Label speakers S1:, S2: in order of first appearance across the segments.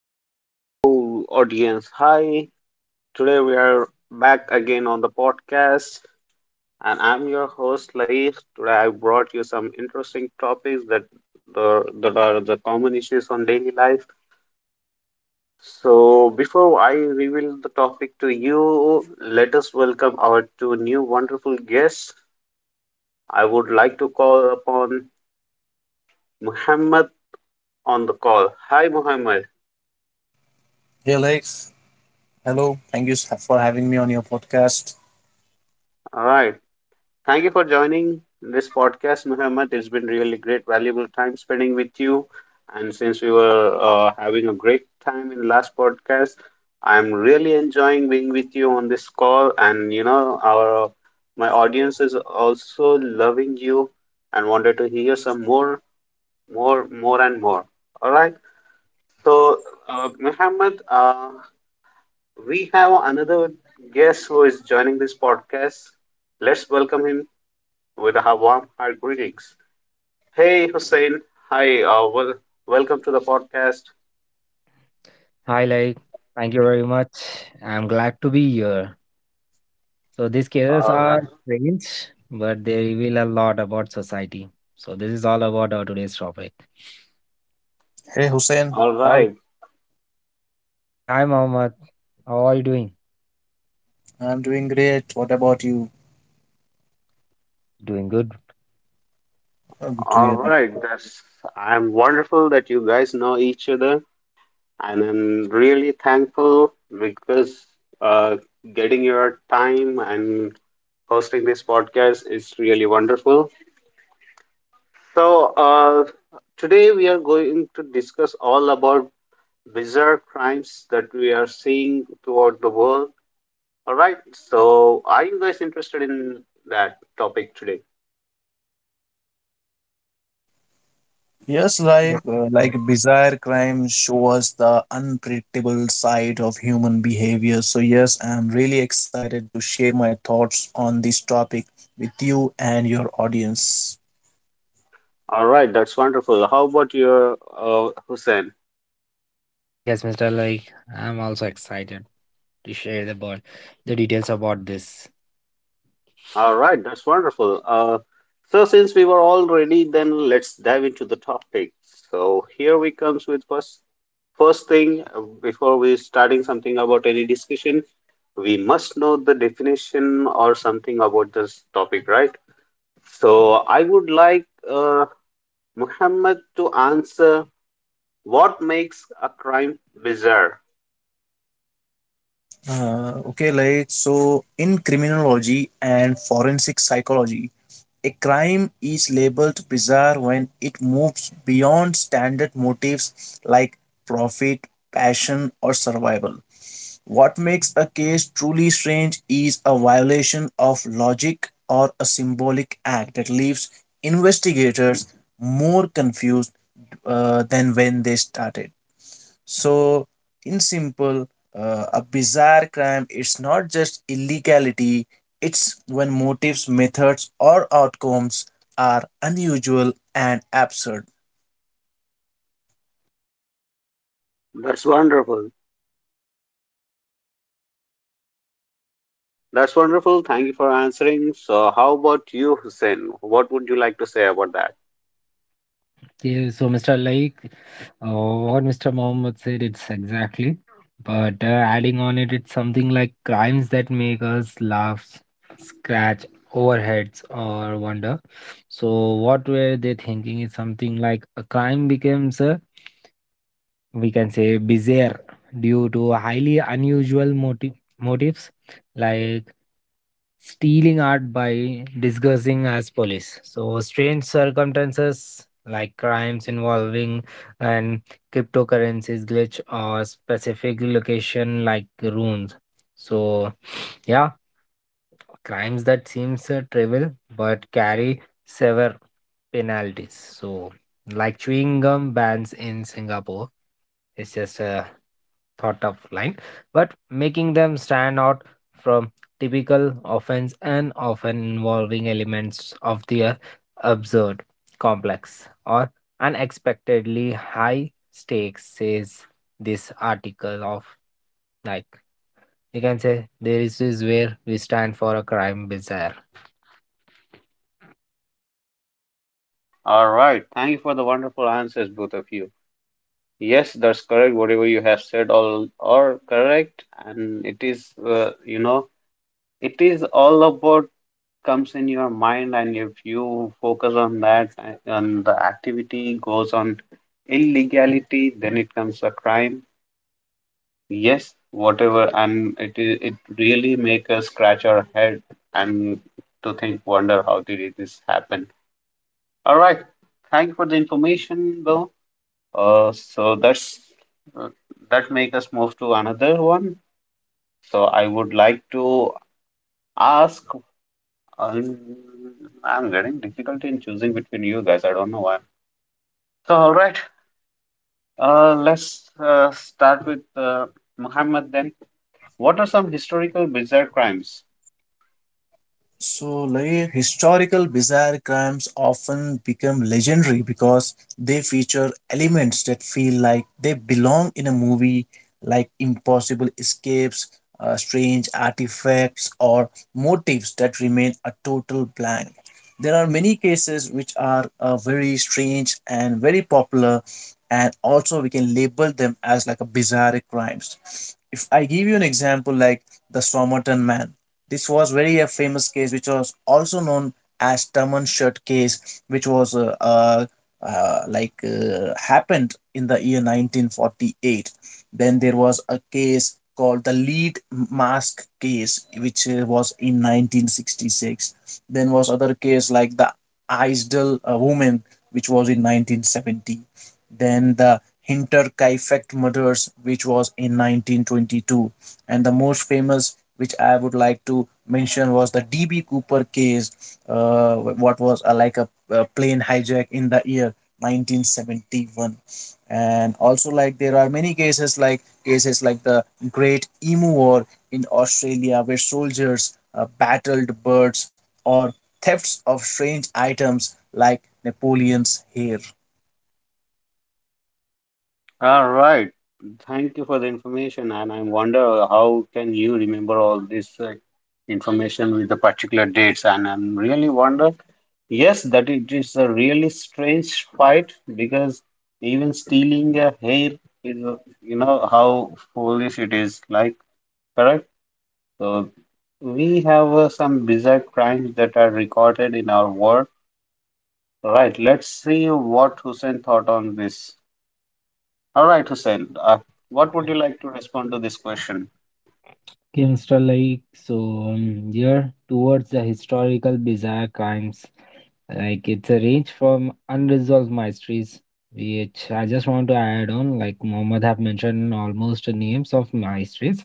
S1: Hello, audience. Hi. Today we are back again on the podcast, and I'm your host, Laik. Today I brought you some interesting topics that the that are the common issues on daily life. So before I reveal the topic to you, let us welcome our two new wonderful guests. I would like to call upon Muhammad on the call. Hi, Muhammad.
S2: Hey Alex, hello. Thank you for having me on your podcast.
S1: All right. Thank you for joining this podcast, Muhammad. It's been really great, valuable time spending with you. And since we were having a great time in the last podcast, I'm really enjoying being with you on this call. And you know, our my audience is also loving you and wanted to hear some more, more, more, and more. All right. So, Muhammad, we have another guest who is joining this podcast. Let's welcome him with our warm heart greetings. Hey, Hussein. Hi. Well, welcome to the podcast.
S3: Hi, like, thank you very much. I'm glad to be here. So, these cases
S1: All
S3: are
S1: right.
S3: strange, but they reveal a lot about society. So, this is all about our today's topic.
S2: Hey Hussein,
S1: All
S2: hi.
S1: right.
S3: Hey, hi, Mohammed. How are you doing?
S2: I'm doing great. What about you?
S3: Doing good.
S2: Oh, good to
S1: All
S2: hear you.
S1: right. That's. I'm wonderful that you guys know each other, and I'm really thankful because uh, getting your time and hosting this podcast is really wonderful. So today we are going to discuss all about bizarre crimes that we are seeing throughout the world. All right. So, are you guys interested in that topic today?
S2: Yes, like
S3: Yes,
S2: uh,
S3: Mr.
S2: like
S3: Like,
S2: bizarre crime show us the unpredictable side of human behavior. So yes, I'm really excited to share my thoughts on this topic with you and your audience.
S1: All right. That's wonderful. How about your Hussein?
S3: Yes, Mr. Like, I'm also excited to share about the details about this.
S1: All right. That's wonderful. So, since we were all ready, then let's dive into the topic. So, here we comes with first thing before we starting something about any discussion, we must know the definition or something about this topic, right? So, I would like Muhammad to answer. What makes a crime bizarre?
S2: So in criminology and forensic psychology, a crime is labeled bizarre when it moves beyond standard motives like profit, passion, or survival. What makes a case truly strange is a violation of logic or a symbolic act that leaves investigators more confused than when they started. So, in simple, a bizarre crime it's not just illegality, it's when motives, methods, or outcomes are unusual and absurd.
S1: That's wonderful. That's wonderful. Thank you for answering. So, how about you, Hussein? What would you like to say about that?
S3: Yeah, so Mr. Like, uh, what Mr. Mohammed said, it's exactly. But adding on it, it's something like crimes that make us laugh, scratch our heads, or wonder. So, what were they thinking is something like a crime becomes a we can say bizarre due to highly unusual motives like stealing art by disguising as police. So strange circumstances like crimes involving and cryptocurrencies glitch or specific location like runes. So yeah, crimes that seems trivial but carry severe penalties. So, like chewing gum bans in Singapore, it's just a thought of line, but making them stand out from typical offense and often involving elements of the absurd, complex, or unexpectedly high stakes, says this article of like you can say there is where we stand for a crime bizarre.
S1: All right. Thank you for the wonderful answers, both of you. Yes, that's correct. Whatever you have said, all are correct, and it is, it is all about comes in your mind, and if you focus on that, and the activity goes on illegality, then it comes a crime. Yes, whatever, and it really make us scratch our head and to think, wonder how did it this happen. All right, thank you for the information, Bill. Uh, so that's uh, that make us move to another one. So I would like to ask. Um, I'm getting difficulty in choosing between you guys. I don't know why. So all right, let's start with Muhammad then. What are some historical bizarre crimes?
S2: So, historical bizarre crimes often become legendary because they feature elements that feel like they belong in a movie, like impossible escapes, strange artifacts, or motives that remain a total blank. There are many cases which are very strange and very popular, and also we can label them as like a bizarre crimes. If I give you an example, like the Somerton Man, this was very a famous case, which was also known as Taman case, which was happened in the year 1948. Then there was a case called the lead mask case, which was in 1966. Then was other case like the Eisdell woman, which was in 1970. Then the Hinter Kaifeck murders, which was in 1922, and the most famous which I would like to mention was the DB Cooper case, what was like a plane hijack in the year 1971. And also there are many cases like the great emu war in Australia, where soldiers battled birds, or thefts of strange items like Napoleon's hair.
S1: All right. Thank you for the information, and I wonder how can you remember all this information with the particular dates. And I'm really wonder, yes, that it is a really strange fight because even stealing a hair is, how foolish it is. Like, correct? So we have some bizarre crimes that are recorded in our world. Right. Let's see what Hussein thought on this. All right, Hussein. What would you like to respond to this question?
S3: Gangster, like, so, yeah, towards the historical bizarre crimes, like it's a range from unresolved mysteries, which I just want to add on, like Mohammed have mentioned almost the names of mysteries,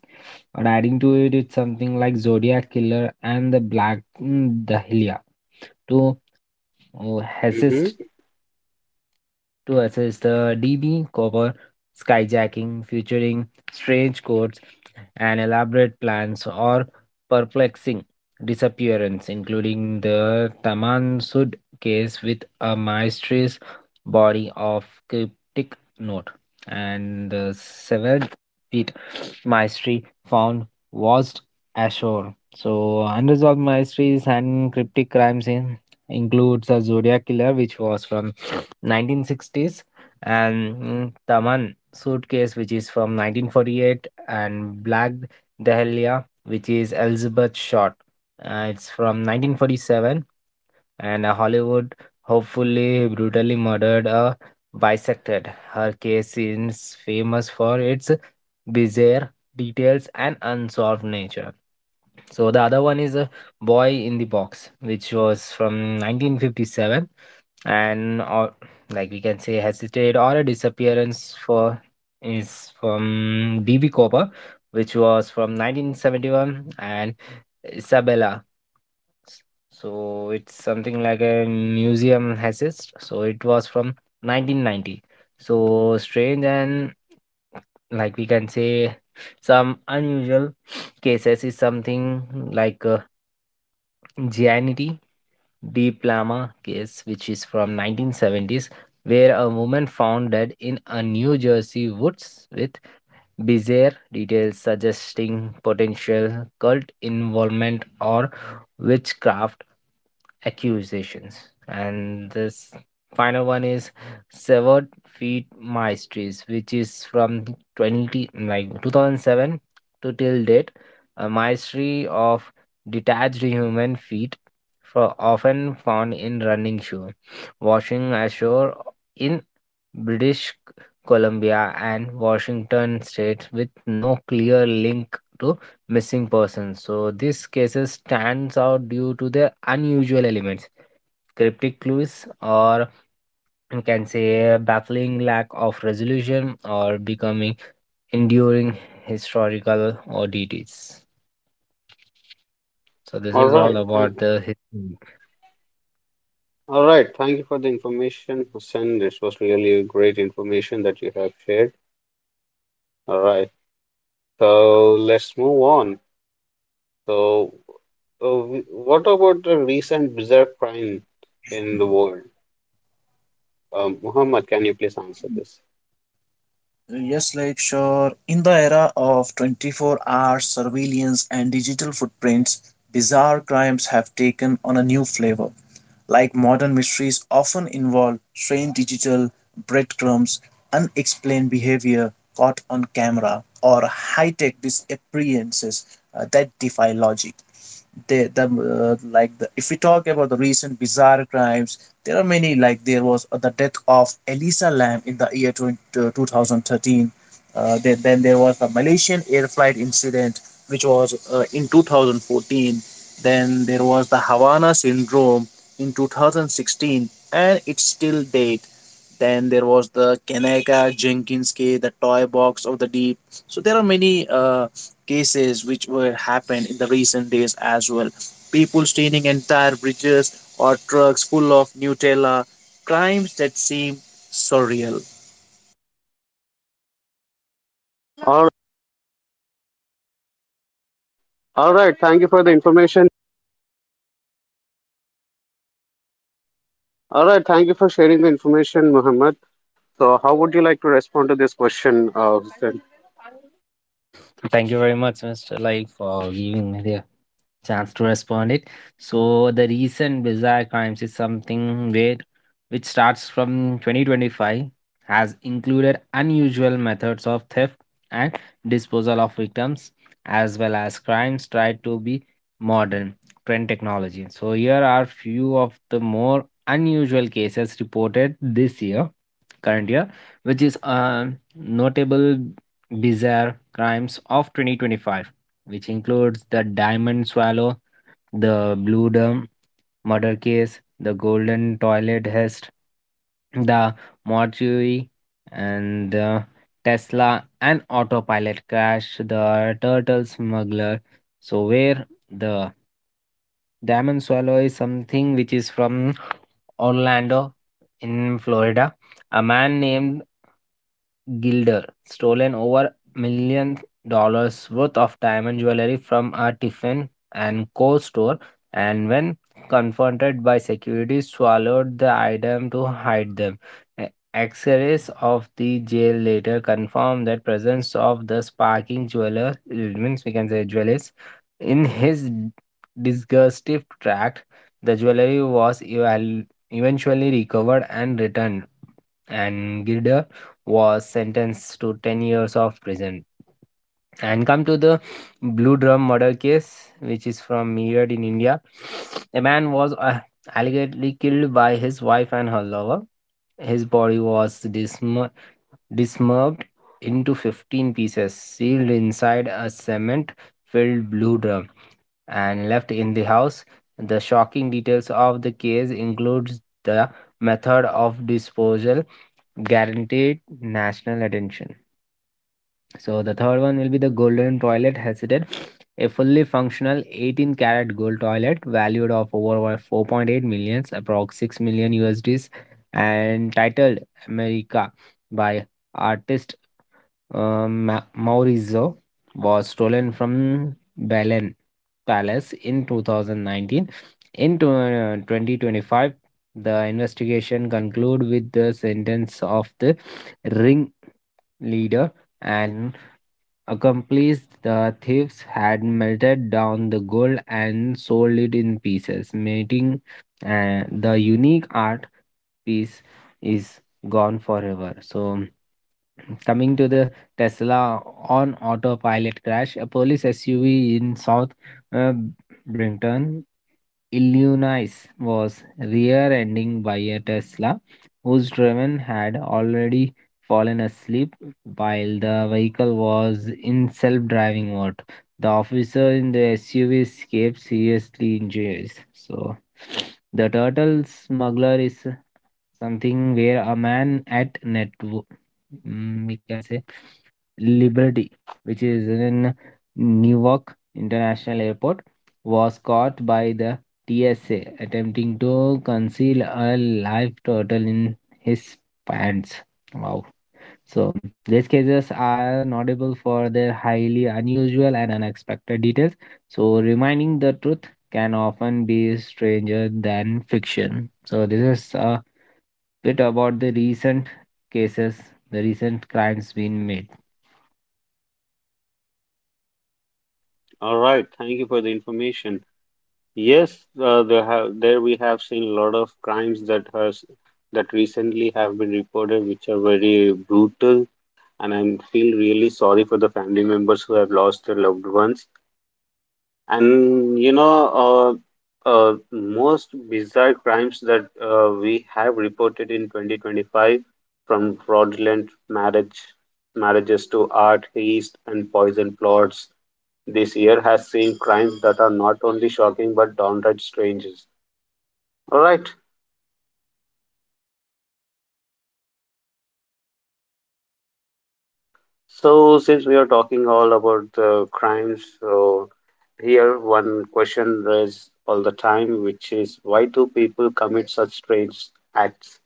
S3: but adding to it, it's something like Zodiac Killer and the Black Dahlia to oh,
S1: Mm-hmm.
S3: to assess the DB Cover skyjacking featuring strange codes and elaborate plans, or perplexing disappearance, including the Taman Sud case with a mysterious body of cryptic note and the severed feet mystery found washed ashore. So unresolved mysteries and cryptic crimes in includes a Zodiac killer, which was from 1960s, and Taman Suitcase, which is from 1948, and Black Dahlia, which is Elizabeth Short. It's from 1947, and a Hollywood hopefully brutally murdered, a bisected. Her case is famous for its bizarre details and unsolved nature. So the other one is a boy in the box, which was from 1957, and or like we can say hesitate, or a disappearance for is from BB Cooper, which was from 1971, and Isabella. So it's something like a museum assist. So it was from 1990. So strange, and like we can say some unusual cases is something like Gianity Di Plama case, which is from 1970s, where a woman found dead in a New Jersey woods with bizarre details suggesting potential cult involvement or witchcraft accusations. And this final one is Severed Feet mysteries, which is from 20, like 2007 to till date, a mystery of detached human feet for often found in running shoe, washing ashore in British Columbia and Washington states with no clear link to missing person. So these cases stands out due to their unusual elements, cryptic clues, or you can say a baffling lack of resolution or becoming enduring historical oddities. So this is
S1: All
S3: all
S1: right.
S3: about the history.
S1: Thank you for the information, Hussein. This was really great information that you have shared. All right. So let's move on. So, uh, what about the recent bizarre crime in the world? Muhammad, can you please answer this?
S2: Yes, like sure. In the era of 24-hour surveillance and digital footprints, bizarre crimes have taken on a new flavor. Like modern mysteries often involve strange digital breadcrumbs, unexplained behavior caught on camera, or high tech disappearances that defy logic. They the like the, If we talk about the recent bizarre crimes, there are many. Like there was the death of Elisa Lam in the year 2013. Then there was the Malaysian air flight incident, which was in 2014. Then there was the Havana syndrome in 2016 and it's still date. Then there was the Kaneka Jenkins case, the toy box of the deep. So there are many cases which were happened in the recent days as well. People stealing entire bridges or trucks full of Nutella, crimes that seem surreal.
S1: All, all right. Thank you for the information. All right. Thank you for sharing the information, Muhammad. So, how would you like to respond to this question, Hussein?
S3: Thank you very much, Mr. Lai, for giving me the chance to respond it. So the recent bizarre crimes is something where which starts from 2025, has included unusual methods of theft and disposal of victims as well as crimes tried to be modern trend technology. So here are few of the more unusual cases reported this year, current year, which is notable bizarre crimes of 2025, which includes the diamond swallow, the Blue Dome murder case, the Golden Toilet heist, the mortuary, and the Tesla and autopilot crash, the turtle smuggler. So, where the Diamond Swallow is something, which is from Orlando in Florida. A man named Gilder stolen over million dollars worth of diamond jewelry from a Tiffin and Co store, and when confronted by security, swallowed the item to hide them. E- X-rays of the jail later confirmed that presence of the sparking jeweler, it means we can say jewelers in his disgustive tract. The jewelry was eventually recovered and returned, and Gilder was sentenced to 10 years of prison. And come to the Blue Drum murder case, which is from Meerut in India. A man was allegedly killed by his wife and her lover. His body was dismembered into 15 pieces, sealed inside a cement filled blue drum, and left in the house. The shocking details of the case includes the method of disposal, guaranteed national attention. So the third one will be the golden toilet hesitant, a fully functional 18 karat gold toilet valued of over 4.8 millions, approx 6 million US USDs, and titled America by artist Maurizio, was stolen from Belen Palace in 2019. In 2025, the investigation concluded with the sentence of the ring leader and accomplice. The thieves had melted down the gold and sold it in pieces, making the unique art piece is gone forever. So coming to the Tesla on autopilot crash, a police SUV in South uh, Brinton, Illinois, was rear-ending by a Tesla whose driver had already fallen asleep while the vehicle was in self-driving mode. The officer in the SUV escaped seriously injured. So the turtle smuggler is something where a man at net, we can say, Liberty, which is in Newark International Airport, was caught by the TSA attempting to conceal a live turtle in his pants. Wow. So, these cases are notable for their highly unusual and unexpected details. So, reminding, the truth can often be stranger than fiction. So, this is a bit about the recent cases, the recent crimes being made.
S1: All right, thank you for the information. Yes, there have there we have seen a lot of crimes that recently have been reported, which are very brutal, and I feel really sorry for the family members who have lost their loved ones. And you know, uh, most bizarre crimes that we have reported in 2025, from fraudulent marriages to art heist and poison plots, this year has seen crimes that are not only shocking but downright strange. Alright, so since we are talking all about the crimes, so here one question raised all the time, which is why do people commit such strange acts?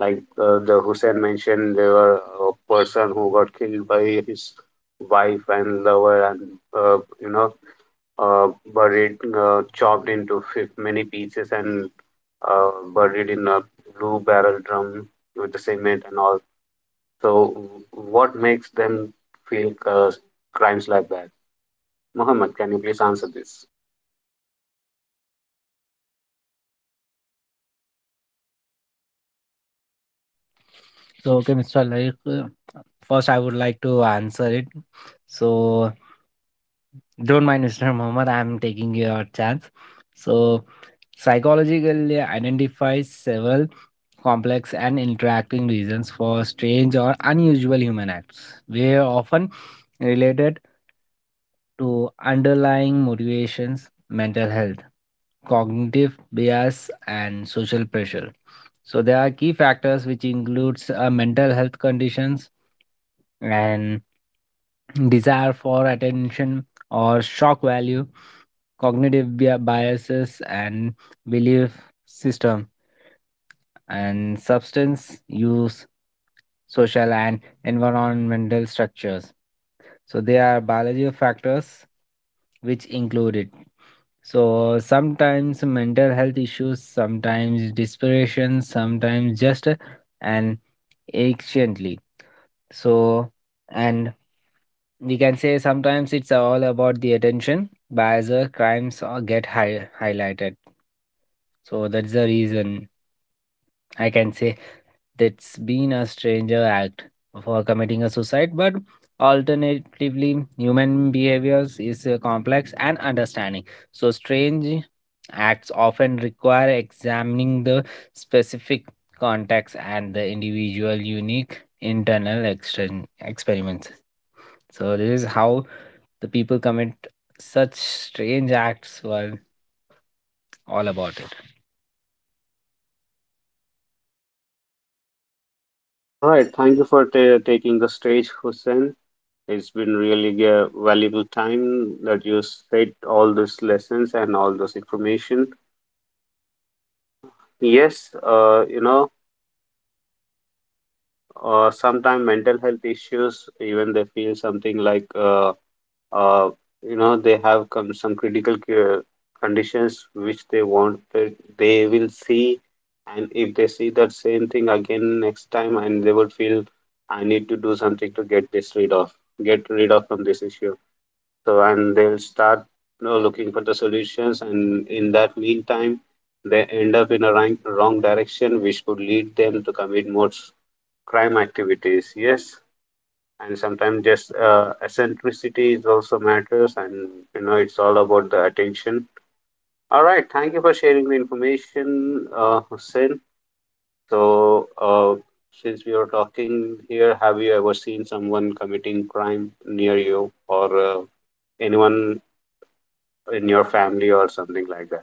S1: Like the Hussein mentioned, there were a person who got killed by his wife and lover, and uh, you know, uh, buried, chopped into many pieces and buried in a blue barrel drum with the cement and all. So, what makes them feel crimes like that? Mohammed, can you please answer this?
S3: So, okay, Mr. Like, first I would like to answer it. So, don't mind, Mr. Muhammad, I'm taking your chance. So, psychologically identifies several complex and interacting reasons for strange or unusual human acts. They are often related to underlying motivations, mental health, cognitive bias, and social pressure. So there are key factors which includes mental health conditions and desire for attention or shock value, cognitive biases, and belief system and substance use, social and environmental structures. So they are biological factors which include it. So sometimes mental health issues, sometimes desperation, sometimes just and anciently. So and we can say sometimes it's all about the attention bias, crimes get highlighted. So that's the reason I can say, that's been a stranger act for committing a suicide. But alternatively, human behaviors is complex and understanding. So strange acts often require examining the specific context and the individual unique internal extern experiments. So this is how the people commit such strange acts. Well, all about it.
S1: All right, thank you for ta taking the stage, Hussein. It's been really a valuable time that you said all these lessons and all those information. Yes, sometimes mental health issues, even they feel something like uh, they have come some critical care conditions which they will see, and if they see that same thing again next time and they will feel I need to do something to get rid of from this issue. So and they'll start looking for the solutions, and in that meantime they end up in a wrong, wrong direction which could lead them to commit more crime activities. Yes, and sometimes just eccentricity is also matters, and it's all about the attention. All right, thank you for sharing the information, Hussein. So since we are talking here, have you ever seen someone committing crime near you or anyone in your family or something like that?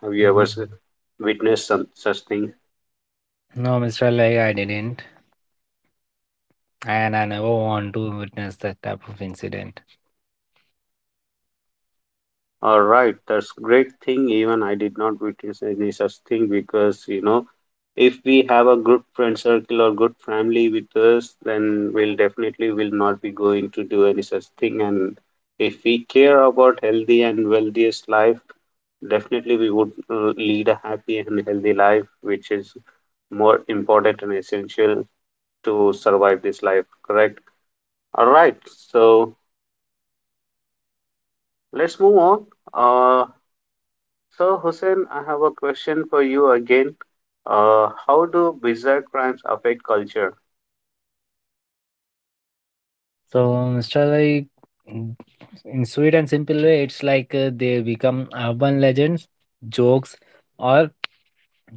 S1: Have you ever
S3: Mm.
S1: witnessed some such thing?
S3: No, Mr. Lai, I didn't, and I never want to witness that type of incident.
S1: All right, that's great thing. Even I did not witness any such thing, because you know, if we have a good friend circle or good family with us, then we'll definitely will not be going to do any such thing. And if we care about healthy and wealthiest life, definitely we would lead a happy and healthy life, which is more important and essential to survive this life, correct? All right. So let's move on. uh, so Hussein, I have a question for you again. How do bizarre crimes affect culture?
S3: So, Mr. Like, mm, in sweet and simple way, it's like they become urban legends, jokes, or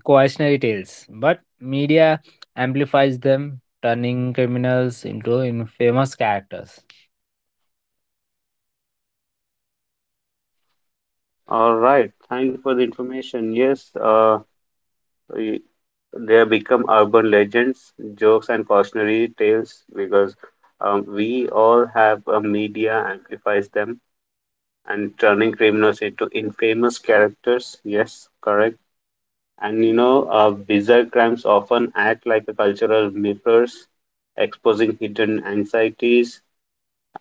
S3: cautionary tales. But media amplifies them, turning criminals into infamous characters.
S1: All right, thanks for the information. Yes, y- they have become urban legends, jokes, and cautionary tales because we all have a media amplifies them and turning criminals into infamous characters. Yes, correct. And you know, bizarre crimes often act like a cultural mirrors, exposing hidden anxieties,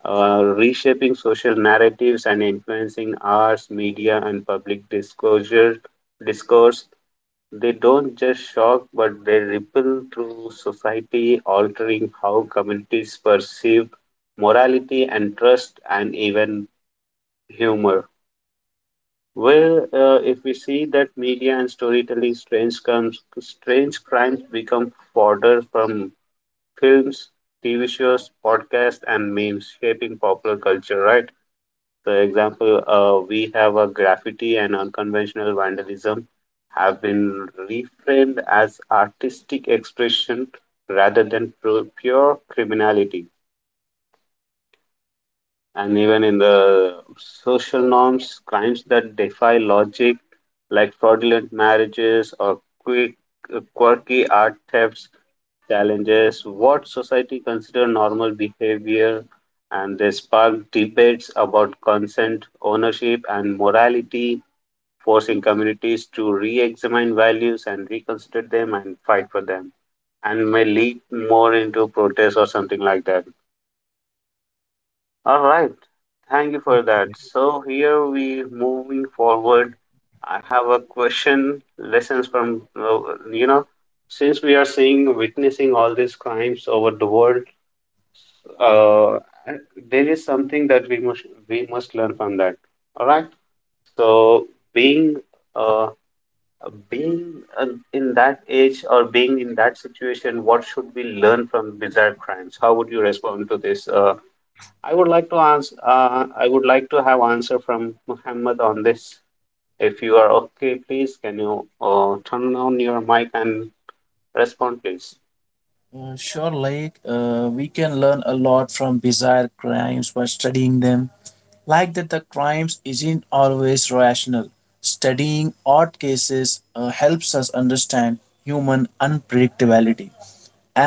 S1: reshaping social narratives and influencing arts, media, and public disclosure discourse. They don't just shock, but they ripple through society, altering how communities perceive morality and trust, and even humor. Well, if we see that media and storytelling, strange crimes become fodder from films, TV shows, podcasts, and memes, shaping popular culture, right? For example, we have a graffiti and unconventional vandalism have been reframed as artistic expression rather than pure criminality. And even in the social norms, crimes that defy logic, like fraudulent marriages or quirky art thefts, challenges what society consider normal behavior, and they spark debates about consent, ownership, and morality, forcing communities to re-examine values and reconsider them and fight for them, and may lead more into protest or something like that. All right. Thank you for that. So here we moving forward. I have a question. Lessons from you know, since we are seeing witnessing all these crimes over the world, uh, there is something that we must learn from that. All right. So being uh, being in that age or being in that situation, what should we learn from bizarre crimes? How would you respond to this? I would like to answer. I would like to have answer from Muhammad on this. If you are okay, please can you turn on your mic and respond, please.
S2: Sure, we can learn a lot from bizarre crimes by studying them. That the crimes isn't always rational. Studying odd cases helps us understand human unpredictability,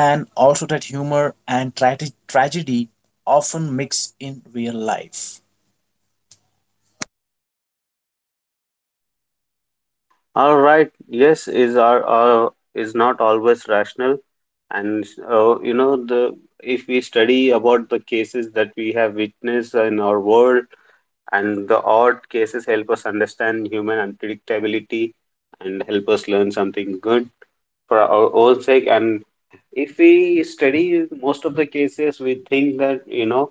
S2: and also that humor and tragedy often mix in real life.
S1: All right. Yes, is our is not always rational, and the if we study about the cases that we have witnessed in our world, and the odd cases help us understand human unpredictability and help us learn something good for our own sake. And if we study most of the cases, we think that, you know,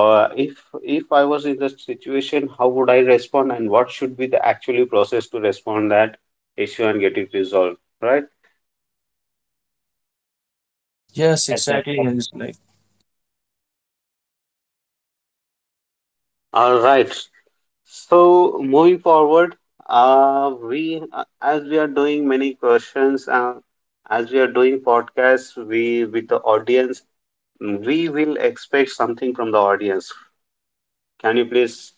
S1: uh, if I was in the situation, how would I respond and what should be the actually process to respond that issue and get it resolved, right?
S2: Yes,
S3: Yes, that
S2: exactly. Yes, like
S1: All right. So moving forward, we as we are doing many questions, as we are doing podcasts, we with the audience, we will expect something from the audience. Can you please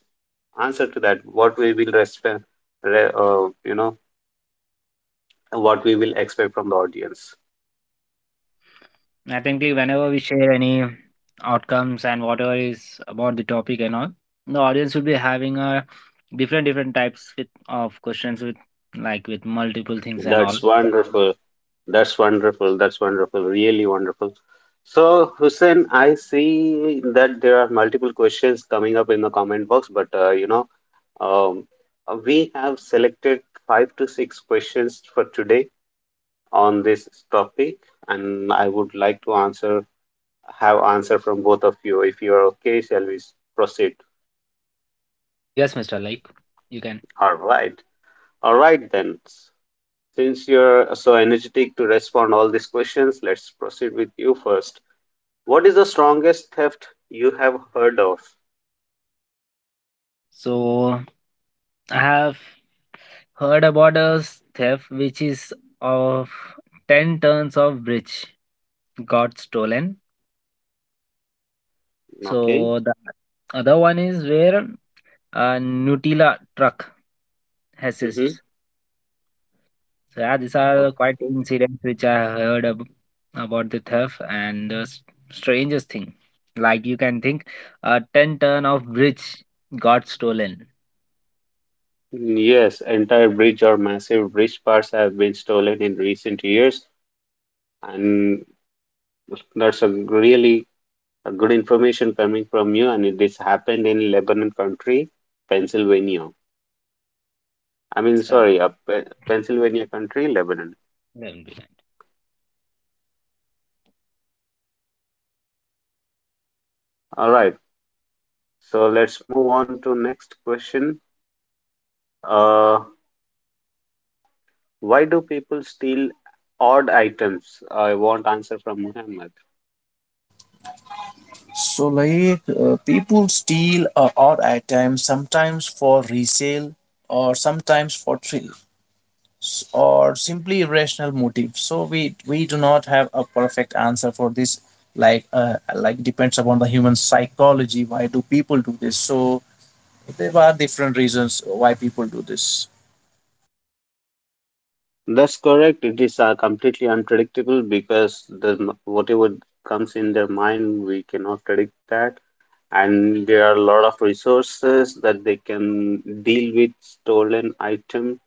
S1: answer to that? What we will respect, re, you know, What we will expect from the audience.
S3: I think, like, whenever we share any outcomes and whatever is about the topic and all, the audience will be having a different types of questions with multiple things and all.
S1: That's wonderful. That's wonderful. That's wonderful. Really wonderful. So, Hussein, I see that there are multiple questions coming up in the comment box, but um, we have selected 5 to 6 questions for today on this topic, and I would like to answer have answer from both of you. If you are okay, shall we proceed?
S3: Yes, Mister. Like you can.
S1: All right. All right then. Since you're so energetic to respond all these questions, let's proceed with you first. What is the strongest theft you have heard of?
S3: So I have heard about a theft which is of 10 tons of bridge got stolen.
S1: Okay.
S3: So the other one is where a Nutella truck has.
S1: Mm-hmm.
S3: So yeah, these are quite
S1: Okay.
S3: incidents which I heard about the theft and the strangest thing. Like you can think, a 10 ton of bridge got stolen.
S1: Yes, entire bridge or massive bridge parts have been stolen in recent years, and that's a really a good information coming from you. And this happened in Lebanon country, Pennsylvania. I mean,
S3: That's correct.
S1: sorry, Pennsylvania country, Lebanon.
S3: Then be-
S1: All right. So let's move on to next question. Uh, why do people steal odd items? I want answer from Muhammad.
S2: so, people steal odd items sometimes for resale or sometimes for thrill, or simply irrational motive. So we do not have a perfect answer for this. Depends upon the human psychology why do people do this. So there are different reasons why people do this.
S1: That's correct. It is completely unpredictable because the whatever comes in their mind, we cannot predict that. And there are a lot of resources that they can deal with stolen items.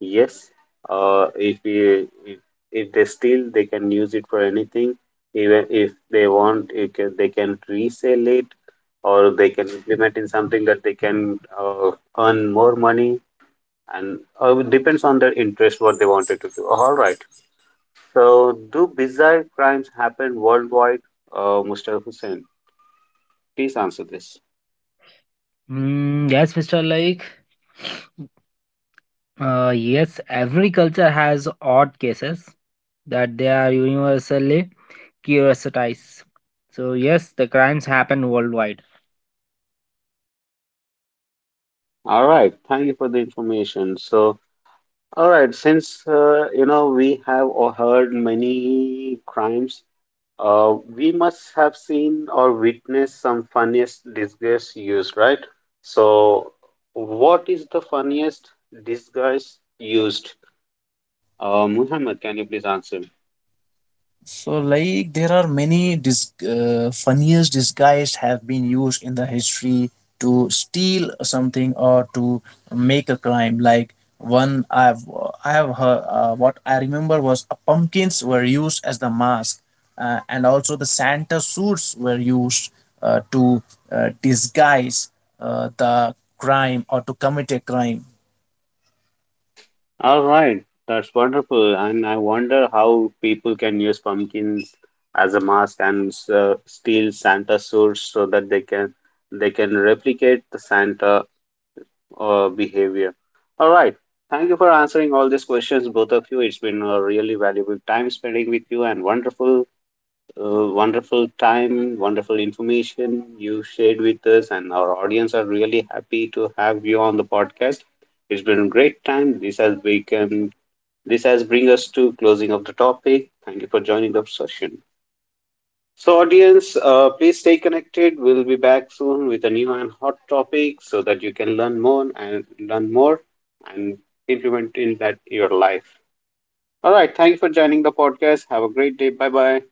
S1: Yes, if they steal, they can use it for anything. Even if they want, they can resell it, or they can implement in something that they can earn more money, and it depends on their interest what they wanted to do. All right. So, do bizarre crimes happen worldwide, Mr. Hussein? Please answer this.
S3: Mm, yes, Mr. Like, yes, every culture has odd cases that they are universally curiositized. So yes, the crimes happen worldwide.
S1: All right. Thank you for the information. All right, since we have or heard many crimes, we must have seen or witnessed some funniest disguise used, right? So, what is the funniest disguise used? Muhammad, can you please answer?
S2: So, there are many funniest disguise have been used in the history to steal something or to make a crime. Like one I've I have heard what I remember was pumpkins were used as the mask, and also the Santa suits were used to disguise the crime or to commit a crime.
S1: All right, that's wonderful, and I wonder how people can use pumpkins as a mask and steal Santa suits so that they can replicate the Santa behavior. All right. Thank you for answering all these questions, both of you. It's been a really valuable time spending with you and wonderful time, wonderful information you shared with us. And our audience are really happy to have you on the podcast. It's been a great time. This has bring us to closing of the topic. Thank you for joining the session. So, audience, please stay connected. We'll be back soon with a new and hot topic so that you can learn more and implement in that your life. All right. Thank you for joining the podcast. Have a great day. Bye bye.